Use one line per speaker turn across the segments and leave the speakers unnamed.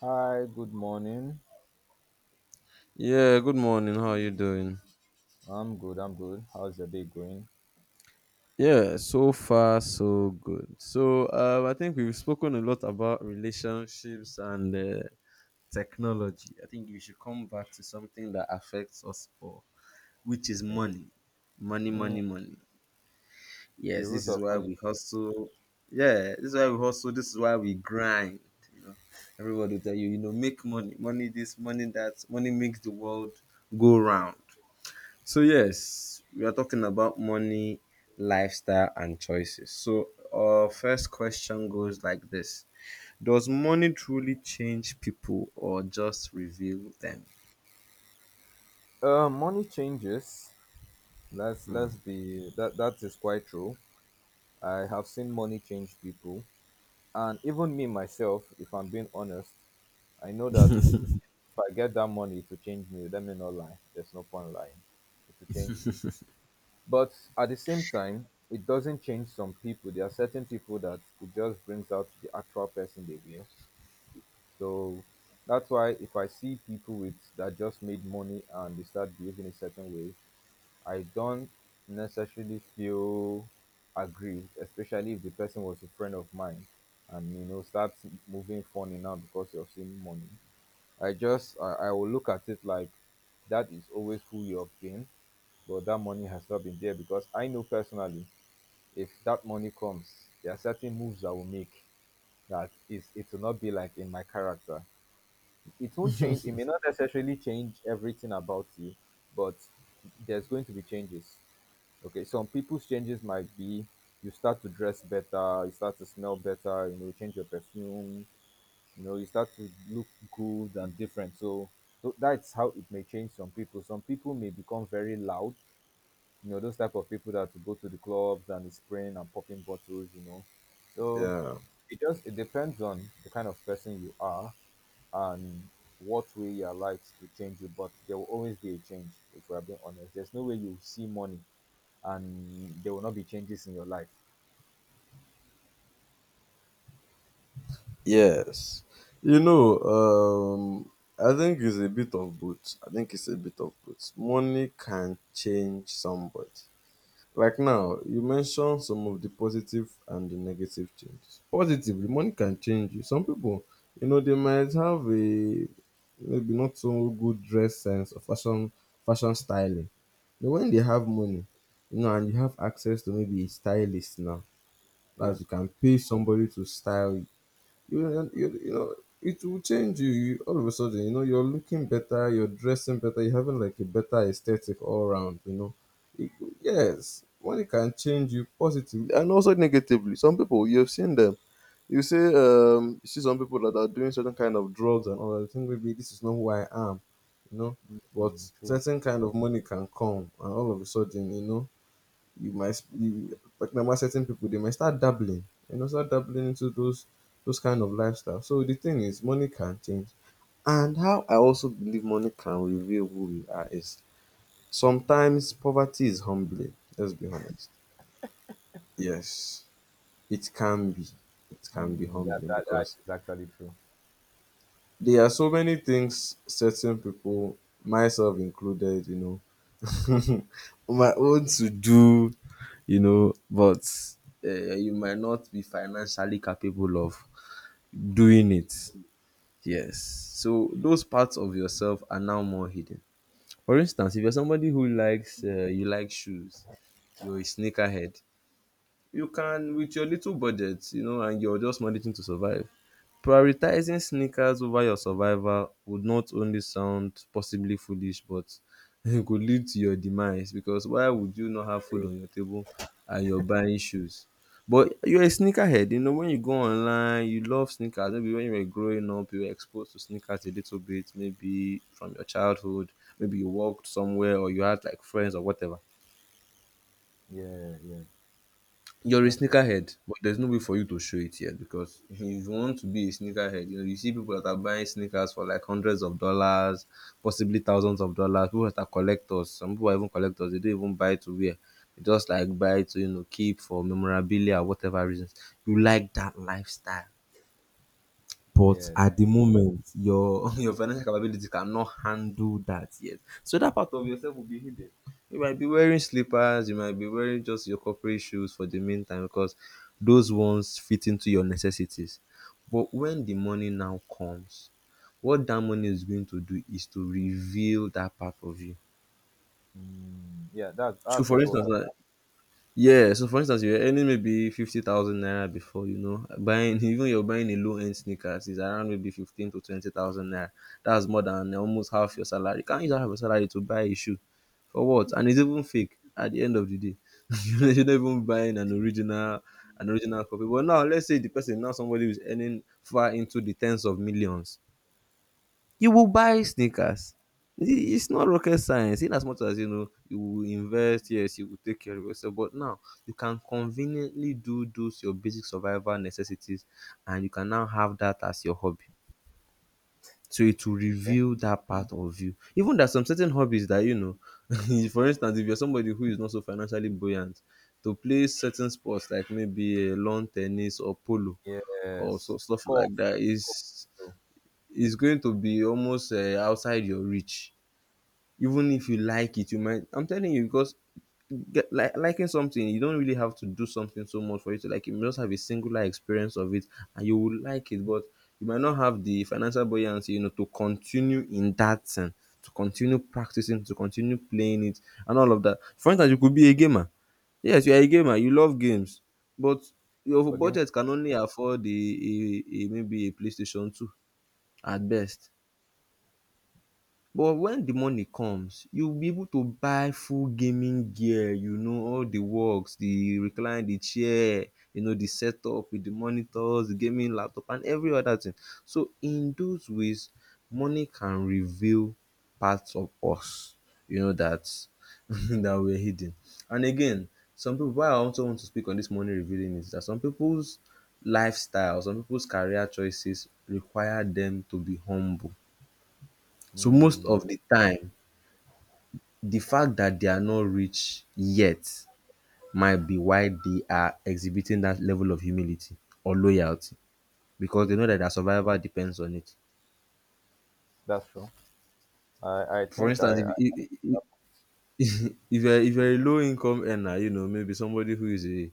Hi, good morning.
Yeah, good morning. How are you doing?
I'm good, I'm good. How's your day going?
Yeah, so far so good. So I think we've spoken a lot about relationships and technology. I think we should come back to something that affects us all, which is
Okay.
money, money,
Mm,
money, money.
the
Yes, this
root
is
of all
why we
evil.
hustle. Yeah, this is why we hustle. This is why we grind. You know, everybody will tell you, make money, money this, money that, money makes the world go round. So yes, we are talking about money, lifestyle, and choices. So our first question goes like this: Does money truly change people or just reveal them?
Money changes. Let's
Hmm.
let's be that that is quite true. I have seen money change people, and even me myself, if I'm being honest, I know that if I get that money to change me, let me not lie. There's no point lying. It will change me. But at the same time, it doesn't change some people. There are certain people that it just brings out the actual person they were. So that's why if I see people with that just made money and they start behaving a certain way, I don't necessarily feel aggrieved, especially if the person was a friend of mine and you know starts moving funny now because you're seeing money. I will look at it like that is always who you have been, but that money has not been there because I know personally if that money comes, there are certain moves I will make that is it will not be like in my character. It won't change. It may not necessarily change everything about you, but there's going to be changes. Okay, some people's changes might be you start to dress better, you start to smell better, you know, change your perfume, you know, you start to look good and different. So that's how it may change some people. Some people may become very loud, you know, those type of people that go to the clubs and is spraying and popping bottles, you know. So
Yeah.
it just it depends on the kind of person you are, and what way your likes to change it, but there will always be a change if we are being honest. There's no way you see money and there will not be changes in your life.
Yes. You know, I think it's a bit of both. I think it's a bit of both. Money can change somebody. Like now, you mentioned some of the positive and the negative changes. Positively, money can change you. Some people, they might have a maybe not so good dress sense or fashion styling. But when they have money, and you have access to maybe a stylist now,
Yeah,
as you can pay somebody to style you, you you know it will change you. All of a sudden, you're looking better, you're dressing better, you're having like a better aesthetic all around. It- yes, money can change you positively and also negatively. Some people you've seen them, you say, you see some people that are doing certain kind of drugs and all that. You think maybe this is not who I am, you know but
mm, true.
certain kind of money can come, and all of a sudden, you might, you like normal certain people, they might start dabbling and also dabbling into those kind of lifestyle. So the thing is money can change. And how I also believe money can reveal who we are is sometimes poverty is humbling, let's be honest. Yes, it can be. It can be
Mm, that,
humbling
that that
because
is actually true.
there are so many things certain people, myself included, know, my own to do, but you might not be financially capable of doing it. Yes. So those parts of yourself are now more hidden. For instance, if you're somebody who likes, you like shoes, you're a sneakerhead. You can with your little budget, and you're just managing to survive, prioritizing sneakers over your survival would not only sound possibly foolish, but it could lead to your demise, because why would you not have food
True.
on your table and you're buying shoes? But you're a sneakerhead, when you go online, you love sneakers. Maybe when you were growing up, you were exposed to sneakers a little bit, maybe from your childhood. Maybe you walked somewhere, or you had like friends or whatever.
Yeah, yeah,
You're a
that's true.
sneakerhead, but there's no way for you to show it yet, because if you want to be a sneakerhead, you see people that are buying sneakers for like hundreds of dollars, possibly thousands of dollars. People that are collectors, some people are even collectors, they don't even buy to wear. They just like buy to, keep for memorabilia or whatever reasons. You like that lifestyle. But
Yes.
at the moment, your your financial capability cannot handle that yet. So that part of yourself will be hidden. You might be wearing slippers, you might be wearing just your corporate shoes for the meantime, because those ones fit into your necessities. But when the money now comes, what that money is going to do is to reveal that part of you.
Mm, yeah, that
So
that's
for
also what
instance,
I.
you're earning maybe 50,000 naira before, buying even you're buying a low end sneakers is around maybe 15 to 20,000 naira. That's more than almost half your salary. You can't use half your salary to buy a shoe for what? And it's even fake at the end of the day. You're not even buying an original copy. But now, let's say the person, now somebody who's earning far into the tens of millions, you will buy sneakers. It's not rocket science. In as much as you know, you will invest, yes, you will take care of yourself. But now you can conveniently do those your basic survival necessities, and you can now have that as your hobby. So it will
Yeah.
reveal that part of you. Even there's some certain hobbies that you know, for instance, if you're somebody who is not so financially buoyant, to play certain sports like maybe lawn tennis or polo or so
Yes.
stuff
Golf.
like that
Golf.
is
True.
is going to be almost outside your reach. Even if you like it, you might, I'm telling you, because get, like liking something, you don't really have to do something so much for you to like it, you just have a singular experience of it and you will like it. But you might not have the financial buoyancy, to continue in that thing, to continue practicing, to continue playing it, and all of that. For instance, you could be a gamer. Yes, you are a gamer, you love games, but your
We're giving.
budget can only afford a maybe a playstation 2 at best. But when the money comes, you'll be able to buy full gaming gear, you know, all the works, the recline, the chair, you know, the setup with the monitors, the gaming laptop, and every other thing. So in those ways, money can reveal parts of us, that that were hidden. And again, some people, why I also want to speak on this money revealing, is that some people's lifestyle, some people's career choices require them to be humble. So most
Mm,
of the time, the fact that they are not rich yet might be why they are exhibiting that level of humility or loyalty, because they
true.
know that their survival depends on it.
That's true. I I
For
think
instance,
I, I
if if you're a low income earner, maybe somebody who is a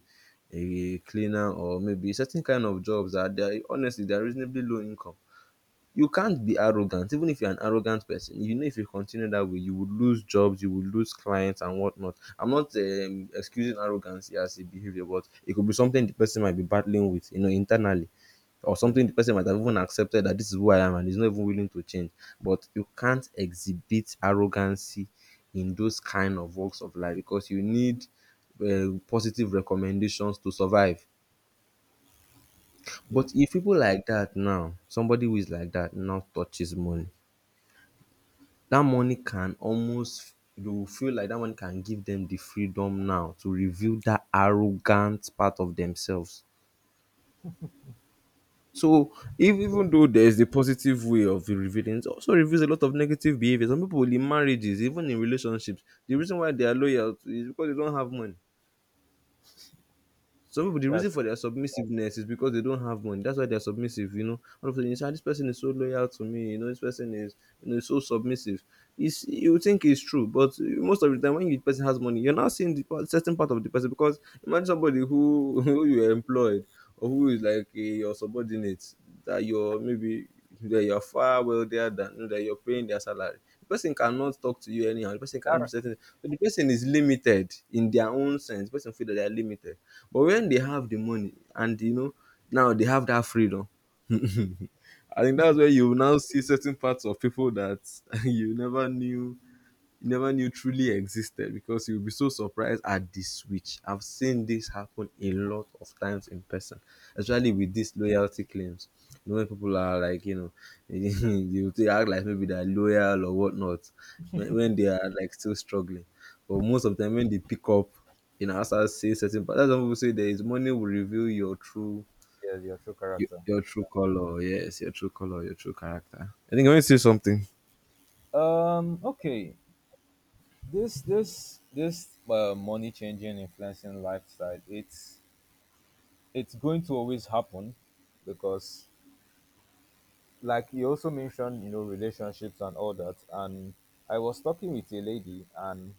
a cleaner, or maybe certain kind of jobs that they are honestly they are reasonably low income. You can't be arrogant. Even if you're an arrogant person, if you continue that way, you will lose jobs, you will lose clients and whatnot. I'm not excusing arrogance as a behavior, but it could be something the person might be battling with, you know, internally, or
yeah
something the person might have even accepted, that this is who I am, and is not even willing to change. But you can't exhibit arrogancy in those kind of walks of life, because you need positive recommendations to survive.
yeah
But if people like that, now somebody who is like that now touches money, that money can almost, you will feel like that money can give them the freedom now to reveal that arrogant part of themselves. So if, even
true.
though there is the positive way of revealing, it also reveals a lot of negative behaviors. Some people in marriages, even in relationships, the reason why they are loyal is because they don't have money. Some people, the reason
That's
for their submissiveness is because they don't have money. That's why they're submissive. All of a sudden, you say, "Ah, this person is so loyal to me, this person is, so submissive. It's, you think it's true, but most of the time, when the person has money, you're not seeing the part, certain part of the person, because imagine somebody who, who you employed, or who is like your subordinate, that you're maybe that you're far wealthier than, that you're paying their salary. The person cannot talk to you anyhow. The person can't do
that,
certain. So the person is limited in their own sense. The person feel that they are limited. But when they have the money, and now they have that freedom. I think that's where you now see certain parts of people that you never knew you never knew truly existed, because you'll be so surprised at the switch. I've seen this happen a lot of times in person, especially with these loyalty claims. You know, when people are like, you they act like maybe they're loyal or whatnot, when they are like still struggling. But most of them, when they pick up, as I say certain, but that's what people say, there is money will reveal your true.
yeah your true
Your,
character.
your true color, yes, your true color, your true character. I think I want to say something.
Okay. This money changing influencing lifestyle. It's going to always happen because, like you also mentioned, you know, relationships and all that. And I was talking with a lady, and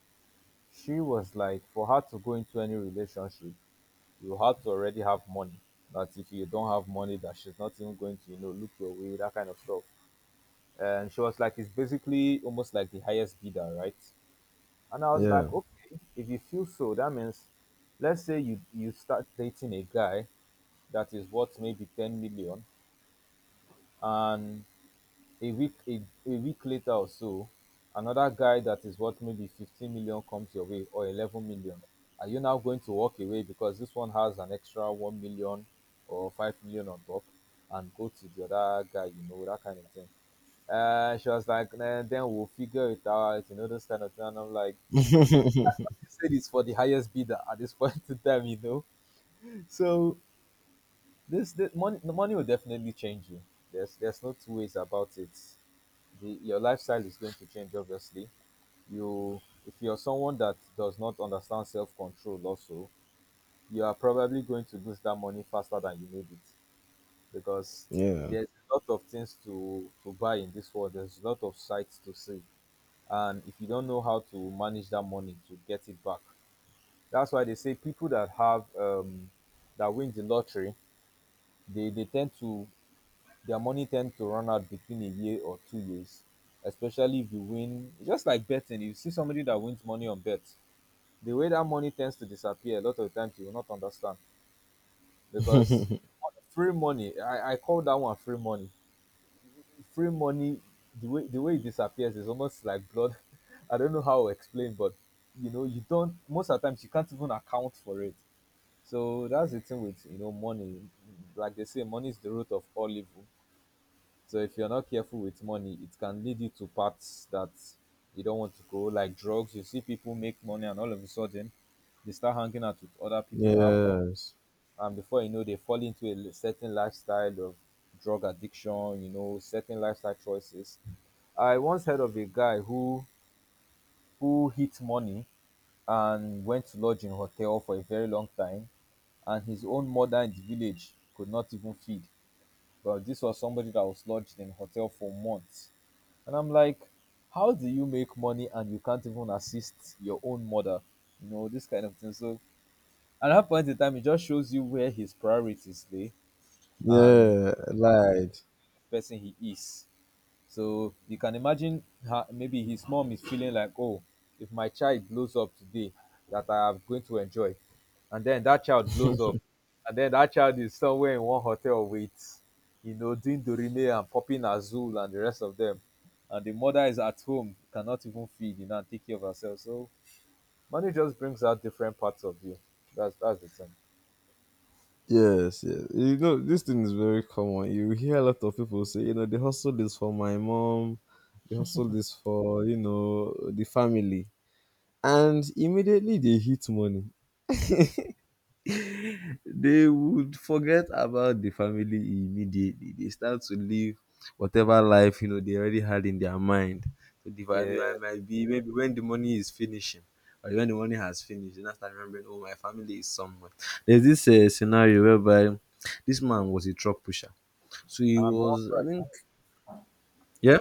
she was like, for her to go into any relationship, you have to already have money. That if you don't have money, that she's not even going to, you know, look your way, that kind of stuff. And she was like, it's basically almost like the highest bidder, right? And I was
Yeah,
like, okay, if you feel so, that means let's say you start dating a guy that is worth maybe 10 million and a week a, a week later or so another guy that is worth maybe 15 million comes your way or 11 million. Are you now going to walk away because this one has an extra 1 million or 5 million on top and go to the other guy, you know, that kind of thing? She was like, "Nah, then we'll figure it out, you know, this kind of thing." And I'm like, said it's for the highest bidder at this point in time, you know. So this the money will definitely change you. There's no two ways about it. The, your lifestyle is going to change obviously. You if you're someone that does not understand self control also, you are probably going to lose that money faster than you need it because
yeah,
there's a lot of things to buy in this world. There's a lot of sights to see, and if you don't know how to manage that money to get it back. That's why they say people that have that win the lottery, they tend to their money tend to run out between a year or 2 years. Especially if you win, just like betting, you see somebody that wins money on bets. The way that money tends to disappear, a lot of times you will not understand because free money. I call that one free money. Free money. The way it disappears is almost like blood. I don't know how to explain, but you know you don't. Most of the times you can't even account for it. So that's the thing with, you know, money. Like they say, money is the root of all evil. So if you're not careful with money, it can lead you to paths that you don't want to go, like drugs. You see people make money, and all of a sudden, they start hanging out with other people that have money,
yes.
and before you know, they fall into a certain lifestyle of drug addiction. You know, certain lifestyle choices. I once heard of a guy who hit money and went to lodge in hotel for a very long time. And his own mother in the village could not even feed. But this was somebody that was lodged in hotel for months. And I'm like, how do you make money and you can't even assist your own mother? You know, this kind of thing. So at that point in time, it just shows you where his priorities lay and
Yeah, lied.
the person he is. So you can imagine how maybe his mom is feeling like, oh, if my child blows up today, that I am going to enjoy. And then that child blows up. And then that child is somewhere in one hotel with, you know, doing Dorime and popping Azul and the rest of them. And the mother is at home, cannot even feed, you know, and take care of herself. So money just brings out different parts of you. That's the thing.
Yes, yes. You know, this thing is very common. You hear a lot of people say, they hustle this for my mom, they hustle this for, the family. And immediately they hit money, they would forget about the family immediately. They start to live whatever life they already had in their mind. So the family
Yeah.
I might be maybe when the money is finishing or when the money has finished, they now start remembering, oh, my family is somewhere. There's this scenario whereby this man was a truck pusher. So he
And I'm one
was, I
right.
think, yeah.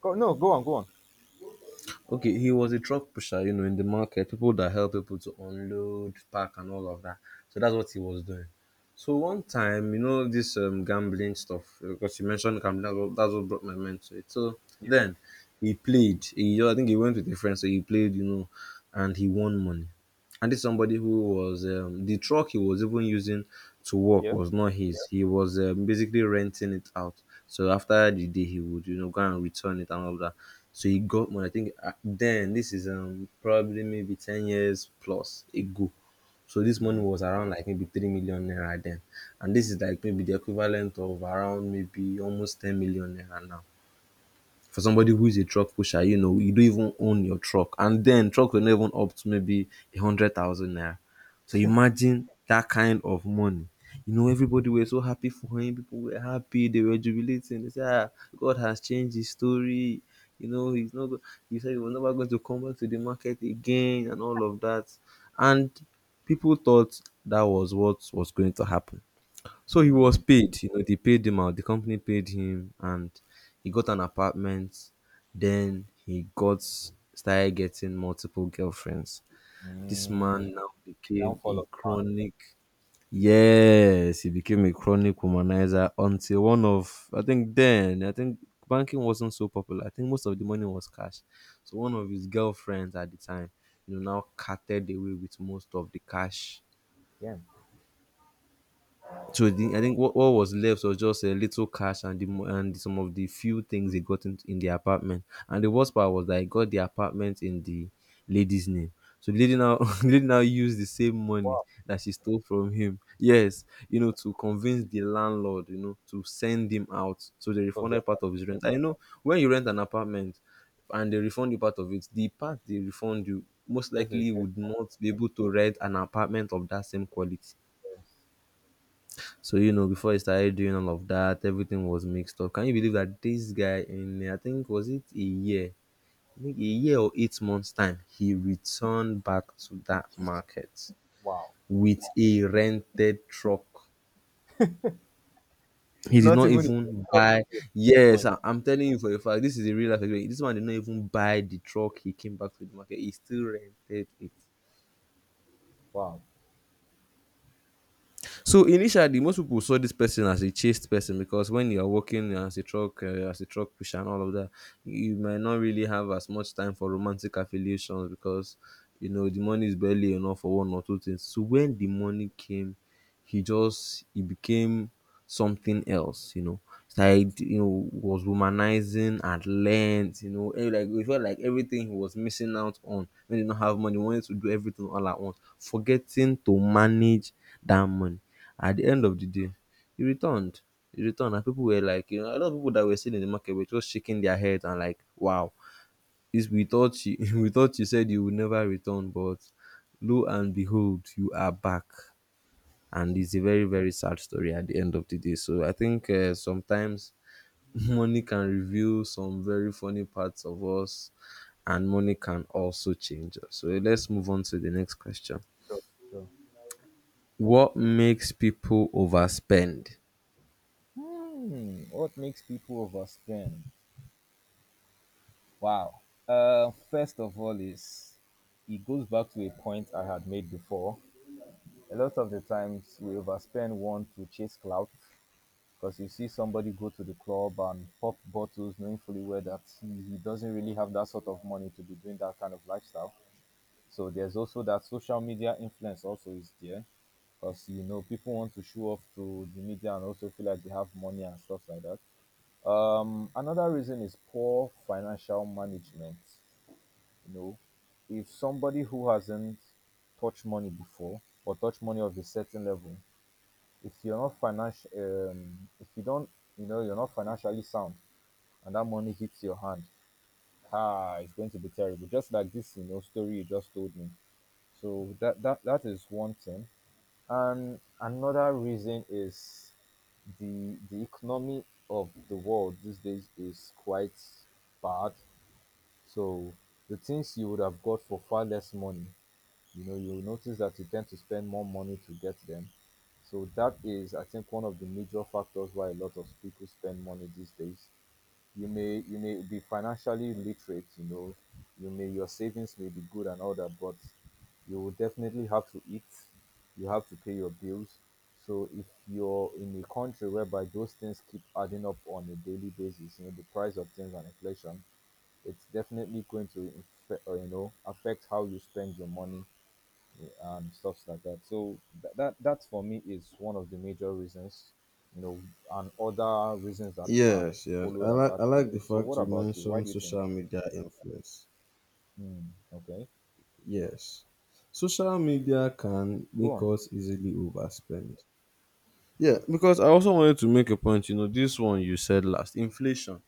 Go, no, go on, go on.
Okay, he was a truck pusher, in the market, people that help people to unload, pack, and all of that. So that's what he was doing. So one time, this gambling stuff, because you mentioned gambling, that's what brought my mind to it. So
Yeah.
then he played. I think he went with a friend, so he played, and he won money. And this somebody who was the truck he was even using to work
Yeah.
was not his. He was basically renting it out. So after the day he would go and return it and all that. So he got money. I think then this is probably maybe 10 years plus ago. So this money was around like maybe 3 million naira then, and this is like maybe the equivalent of around maybe almost 10 million naira now. For somebody who is a truck pusher, you don't even own your truck. And then truck will not even up to maybe 100,000 naira. So imagine that kind of money. Everybody were so happy for him. People were happy. They were jubilating. They said, ah, God has changed his story. You know, he's not, go- he said he was never going to come back to the market again and all of that. And people thought that was what was going to happen. So he was
Mm,
paid, they paid him out. The company paid him and he got an apartment. Then he got started getting multiple girlfriends. This
mm,
man now became
downfall
a
of man.
chronic. Yes, he became a chronic womanizer until one of I think then I think banking wasn't so popular. I think most of the money was cash. So one of his girlfriends at the time, now carted away with most of the cash.
Yeah.
So I think what was left was just a little cash and some of the few things he got in the apartment. And the worst part was that he got the apartment in the lady's name. So the lady now the lady now used the same money
Wow,
that she stole from him. Yes, to convince the landlord, to send him out. So they
part of their
refunded part of his rent. I know when you rent an apartment and they refund you part of it, the part they refund you most
that's a
likely
very
would not be able to rent an apartment of that same quality.
serious.
So before I started doing all of that, everything was mixed up. Can you believe that this guy in I think was it a year, I think a year or 8 months time, he returned back to that market
Wow.
with a rented truck. He did
Not
not
even in
even
Europe
buy.
again.
Yes,
Point.
I am telling you for a fact. This is a real life experience. This man did not even buy the truck. He came back to the market. He still rented it.
Wow.
So initially, most people saw this person as a chased person because when you are working as a truck pusher and all of that, you might not really have as much time for romantic affiliations because the money is barely enough for one or two things. So when the money came, he became something else. Started, was womanizing at length, and like it felt like everything he was missing out on when he did not have money, wanted to do everything all at once, forgetting to manage that money. At the end of the day, he returned. He returned and people were like, a lot of people that were sitting in the market were just shaking their heads and like, wow, this we thought you we thought you said you would never return, but lo and behold, you are back. And it's a very very sad story at the end of the day. So I think sometimes money can reveal some very funny parts of us, and money can also change us. So let's move on to the next question.
Sure, sure.
What makes people overspend?
Hmm. What makes people overspend? Wow. First of all, is it goes back to a point I had made before. A lot of the times we overspend one to chase clout because you see somebody go to the club and pop bottles knowing fully well that he doesn't really have that sort of money to be doing that kind of lifestyle. So there's also that social media influence also is there, because you know people want to show off to the media and also feel like they have money and stuff like that. Another reason is poor financial management. You know, if somebody who hasn't touched money before or touched money of a certain level, if you're not financial, if you don't, you know, you're not financially sound, and that money hits your hand, ah, it's going to be terrible. Just like this, you know, story you just told me. So that is one thing. And another reason is the economy of the world these days is quite bad. So the things you would have got for far less money, you know, you'll notice that you tend to spend more money to get them. So that is, I think, one of the major factors why a lot of people spend money these days. You may you may be financially literate, you know, you may your savings may be good and all that, but you will definitely have to eat, you have to pay your bills. So if you're in a country whereby those things keep adding up on a daily basis, you know, the price of things and inflation, it's definitely going to you know, affect how you spend your money and stuff like that. So that for me is one of the major reasons, you know, and other reasons that I
Yes, yes. I
followed
like I
attached to
like the
it. So
fact
what
you
about you? Why
mentioned
do you think?
social media influence.
Hmm. Okay,
Yes. Social media can
go
make
on.
us easily overspend. Yeah, because I also wanted to make a point, this one you said last, inflation.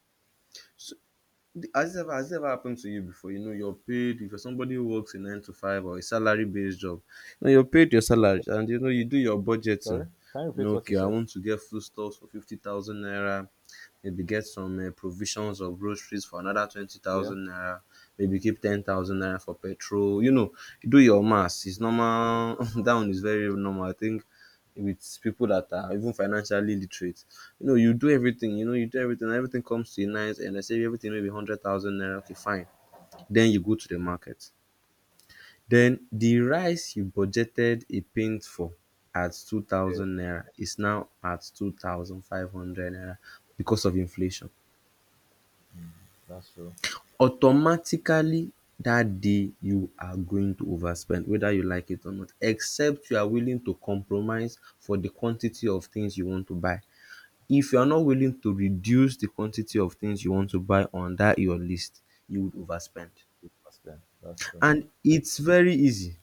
Has it ever happened to you before? You're paid if you're somebody who works a nine to five or a salary based job, you're paid your salary
Okay.
and you do your budgeting.
Sorry, can you
You know,
repeat what you
okay, I
said?
want to get food stuffs for 50,000 naira, maybe get some provisions or groceries for another twenty
Yeah,
thousand naira, maybe keep 10,000 naira for petrol. You do your maths. It's normal. that one is very normal. I think with people that are even financially literate. You do everything, you do everything, and everything comes to a nice end. I say everything maybe 100,000 naira, okay, fine. Then you go to the market. Then the rice you budgeted a pint for at
yeah,
2,000 naira is now at 2,500 naira because of inflation.
that's true.
Automatically, that day you are going to overspend whether you like it or not, except you are willing to compromise for the quantity of things you want to buy. If you are not willing to reduce the quantity of things you want to buy on that your list, you would overspend.
That's fair. That's true.
And it's very easy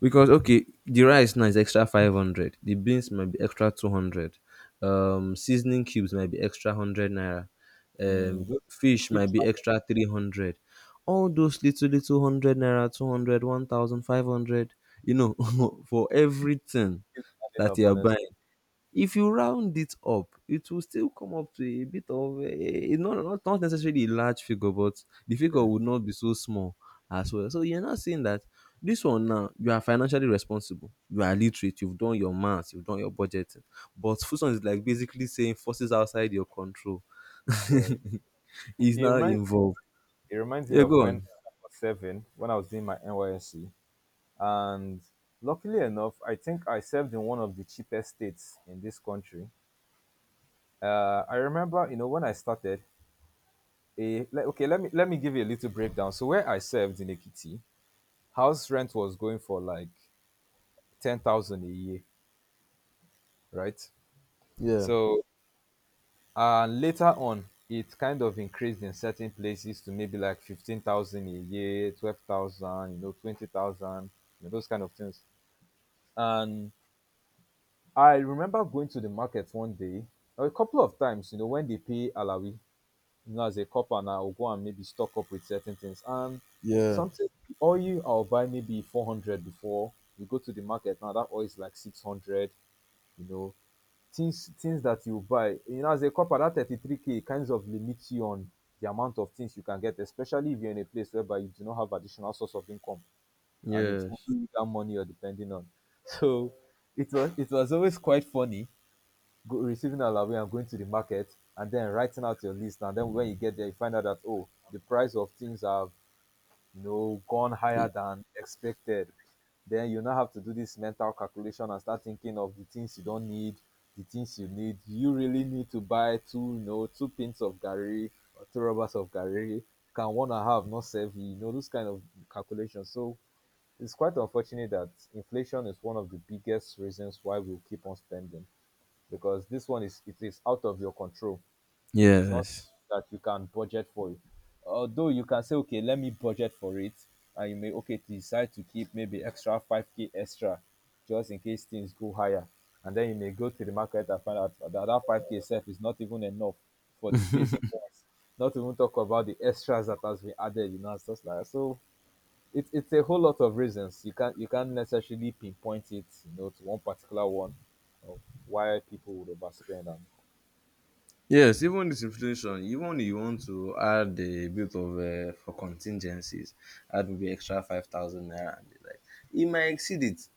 because okay, the rice now is extra 500. The beans might be extra 200. Seasoning cubes might be extra 100 naira.
Mm, just
Fish might
keeps
be
adding,
extra 300. All those little little 100 naira, 200, 1,500, for everything
keeps adding
that
up,
you are
honestly.
buying. If you round it up, it will still come up to a bit of a not necessarily a large figure, but the figure
Yeah,
would not be so small as well. So you're not saying that this one now you are financially responsible, you are literate, you've done your maths, you've done your budgeting. But Fuson is like basically saying forces outside your control
yeah.
is
It
now
reminds
involved.
it reminds me
Yeah,
of
go
when
on.
I was seven, when I was doing my NYSC. And luckily enough, I think I served in one of the cheapest states in this country. I remember, you know, when I started, okay, let me give you a little breakdown. So where I served in Ekiti, house rent was going for like 10,000 a year, right?
Yeah.
So and later on, it kind of increased in certain places to maybe like 15,000 a year, 12,000, you know, 20,000, you know, those kind of things. And I remember going to the market one day, or a couple of times, when they pay Alawi, you know, as a copper, and I'll go and maybe stock up with certain things. And
Yeah.
something, the oil I'll buy maybe 400 before you go to the market. Now that oil is like 600, you know, things that you buy. You know, as a copper, that 33K kinds of limits you on the amount of things you can get, especially if you're in a place whereby you do not have additional source of income and it's
Yes.
only that money you're depending on. So it was always quite funny go, receiving allowance and going to the market, and then writing out your list, and then when you get there you find out that, oh, the price of things have, you know, gone
Y-
higher than expected. Then you now have to do this mental calculation and start thinking of the things you don't need, the things you need. Do you really need to buy two, you know, two pints of gary, or two rubbers of gary? Can one and a half not save you? You know, those kind of calculations. So it's quite unfortunate that inflation is one of the biggest reasons why we'll keep on spending, because this one, is it is out of your control. It is not
Yes.
that you can budget for it. Although you can say, okay, let me budget for it, and you may okay decide to keep maybe extra five k extra, just in case things go higher, and then you may go to the market and find out that that five k itself is not even enough for the basic ones. Not even talk about the extras that has been added. You know, and stuff like so it's a whole lot of reasons. You can't necessarily pinpoint it, you know, to one particular one of why people would overspend. And
Yes, even this inflation, even you want to add a bit of for contingencies, add maybe extra 5,000 naira, and the like it might exceed it.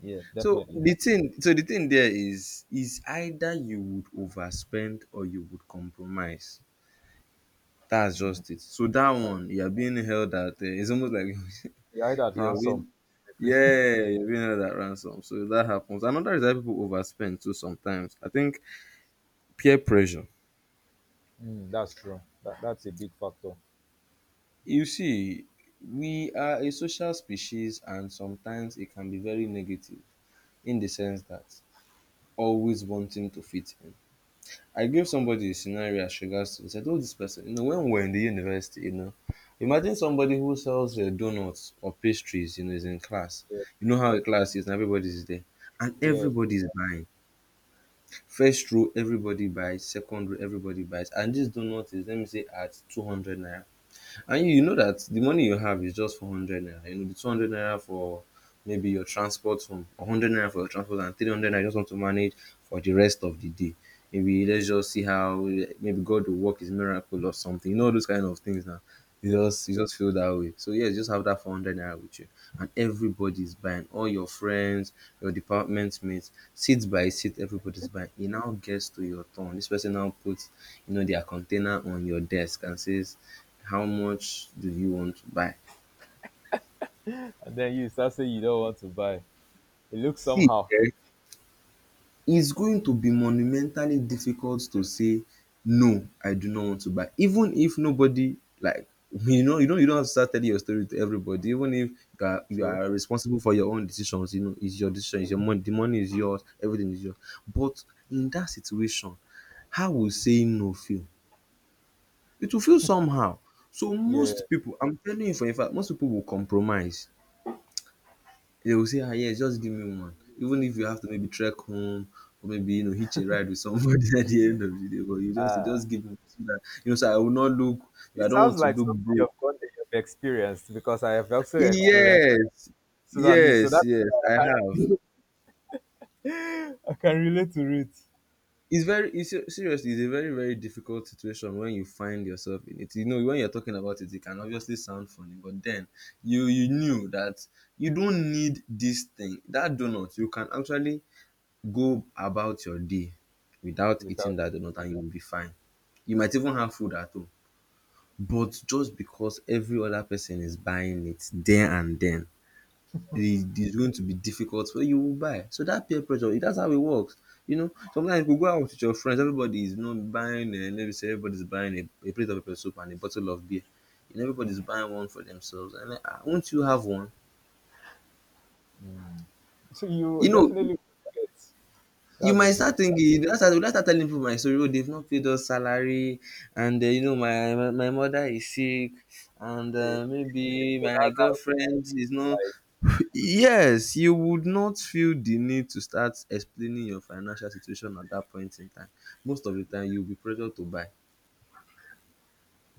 yeah,
So
definitely.
the thing there is either you would overspend or you would compromise. That's just it. So that
That,
one, you are being held at. It's almost like
yeah, either at
you're being,
ransom. Definitely.
yeah, you're being held at ransom. So that happens. Another is that people overspend too sometimes. I think peer pressure.
Mm, that's true. That's a big factor.
You see, we are a social species and sometimes it can be very negative in the sense that always wanting to fit in. I gave somebody a scenario as regards to this. I told this person, when we're in the university, imagine somebody who sells donuts or pastries, is in class.
Yeah,
You know how a class is, and everybody's there. And
yeah,
everybody's buying. First row, everybody buys. Second row, everybody buys. And this donut is, let me say, at 200 naira. And you know that the money you have is just for 100 naira. The 200 naira for maybe your transport home, 100 naira for your transport, and 300 naira you just want to manage for the rest of the day. Maybe let's just see how maybe God will work His miracle or something. You know those kind of things now. You
yeah.
just you just feel that way. So yeah, just have that 400 naira with you, and everybody is buying. All your friends, your department mate, seat by seat, everybody's by. He now gets to your turn. This person now puts, their container on your desk and says, "How much do you want to buy?"
And then you start saying you don't want to buy. It looks
See,
somehow
eh, it's going to be monumentally difficult to say, "No, I do not want to buy," even if nobody, like you don't have to start telling your story to everybody, even if you are you
true.
are responsible for your own decisions. It's your decision, it's your money, the money is yours, everything is yours. But in that situation, how will saying no feel? It will feel somehow. So
Yeah.
most people, I'm telling you for a fact, most people will compromise. They will say, "Ah, yes, just give me one." Even if you have to maybe trek home or maybe, hitch a ride with somebody at the end of the day, but you just, you
Uh,
just give me so that, so I will not look, I
it
don't
sounds
want to
like
look
something
broke.
you've experienced, because I have also experienced
Yes,
so that least so
yes,
that
yes,
I
I have.
can I can relate to it
Seriously, it's a very, very difficult situation when you find yourself in it. You know, when you're talking about it, it can obviously sound funny, but then you knew that you don't need this thing, that donut. You can actually go about your day without eating
without.
that donut and you'll be fine. You might even have food at home. But just because every other person is buying it there and then, it is going to be difficult for you to buy. So that peer pressure, that's how it works. You know, sometimes you go out with your friends, everybody is, buying, let me say, everybody's buying a plate of pepper soup and a bottle of beer. And everybody's buying one for themselves. And like, "Ah, won't you have one?"
So you
You know,
definitely get.
You
That's the
might start
truth.
thinking that's will now start you will start telling people my story, "Oh, they have not paid us salary, and my mother is sick, and
Eh,
maybe
people now
my
now
girlfriend is not."
like,
Yes, you would not feel the need to start explaining your financial situation at that point in time. Most of the time you will be pressured to buy.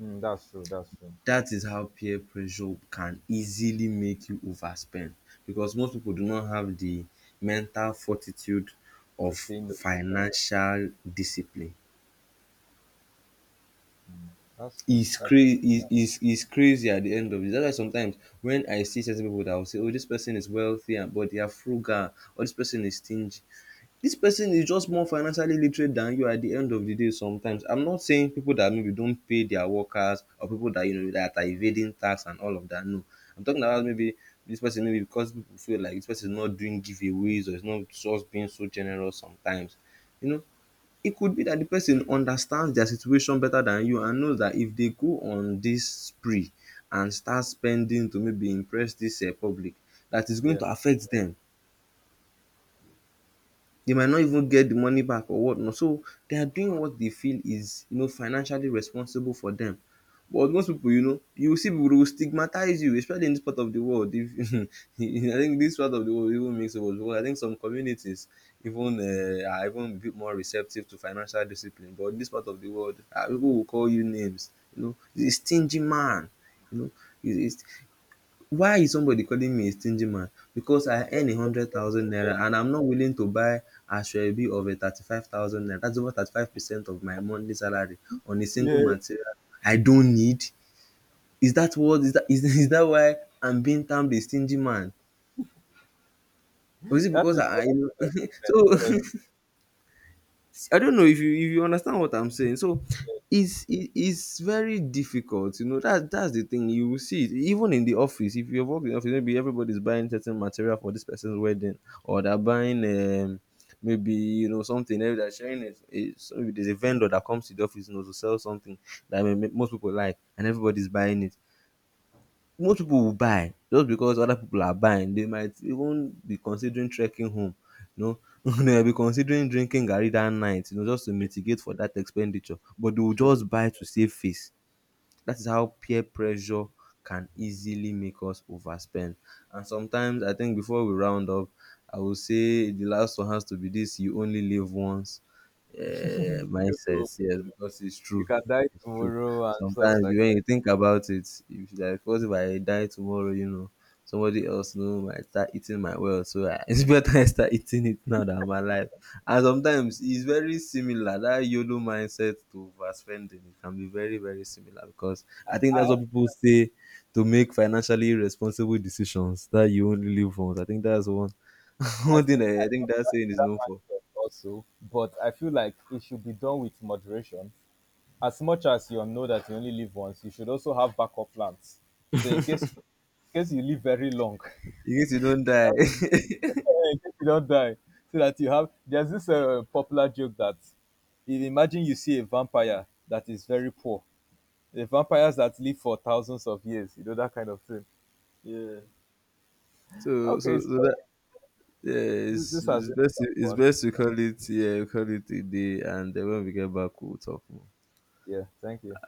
mm, that's true. That's true.
That is how peer pressure can easily make you overspend, because most people do not have the mental fortitude
To
of
see me.
financial discipline.
That's true.
Is
That's
crazy, is crazy at the end of it. That's why sometimes when I see certain people that will say, "Oh, this person is wealthy, but they are frugal," or "This person is stingy," this person is just more financially literate than you. At the end of the day, sometimes I'm not saying people that maybe don't pay their workers or people that you know that are evading tax and all of that. No, I'm talking about maybe this person, maybe because people feel like this person is not doing giveaways or is not just being so generous sometimes. You know, e could be that the person understands their situation better than you and knows that if they go on this spree and start spending to maybe impress this public, that is going
yeah.
to affect them. They might not even get the money back or what not. So they are doing what they feel is, you know, financially responsible for them. But most pipu, you will see pipu dey will stigmatize you, especially in this part of the world if I think this part of the world even makes it worse, because I think some communities even are even a bit more receptive to financial discipline. But in this part of the world, pipu will call you names, you know. "You stingy man," you know. he's, he's, Why is somebody calling me a stingy man? Because I earn 100,000 naira and I'm not willing to buy asoebi of a 35,000 naira. That's over 35% of my monthly salary on a single
Yeah.
material I don't need. Is that what is that is is that why I'm being termed a stingy man? Or is it
That
because
is
I
just investment.
so
Honestly,
I don't know if you understand what I'm saying. So
yeah,
it's very difficult, you know. That's the thing. You will see it even in the office. If you work in the office, maybe everybody's buying certain material for this person's wedding, or they're buying maybe, you know, something else they're sharing it. It's, maybe there's a vendor that comes to the office, you know, to sell something that most people like, and everybody's buying it. Most people will buy just because other people are buying. They might even be considering trekking home, you know, they might be considering drinking garri that night, you know, just to mitigate for that expenditure, but they will
true.
just buy to save face. That is how peer pressure can easily make us overspend. And sometimes, I think before we round up, I will say the last one has to be this "you only live once"
You
mindset.
do.
Yes, because it's
You
true.
can die
It's true.
tomorrow and stuff
Sometimes,
like
when
that.
you think about it, if you like, what if I die tomorrow, you know, somebody else, you know, might start eating my wealth, so I, it's better I start eating it now than my life. And sometimes it's very similar, that YOLO mindset to overspending, it can be very, very similar, because I think that's
I
what people say to make financially responsible decisions, that you only live once. I think that's one
I
one thing
think
I,
I
I think
have
that
that,
saying is
that
known for.
mindset also, but I feel like it should be done with moderation. As much as you know that you only live once, you should also have backup plans. So in case, in case you live very long,
In case you don't die
yeah, in case you don't die, so that you have, there's this popular joke that, if imagine you see a vampire that is very poor, the vampires that live for thousands of years, you know, that kind of thing.
yeah,
Okay,
that,
so
yeah,
this, this has been
it's
fun.
best to call it, yeah, call it a day, and then when we get back we'll talk more.
Yeah, thank you.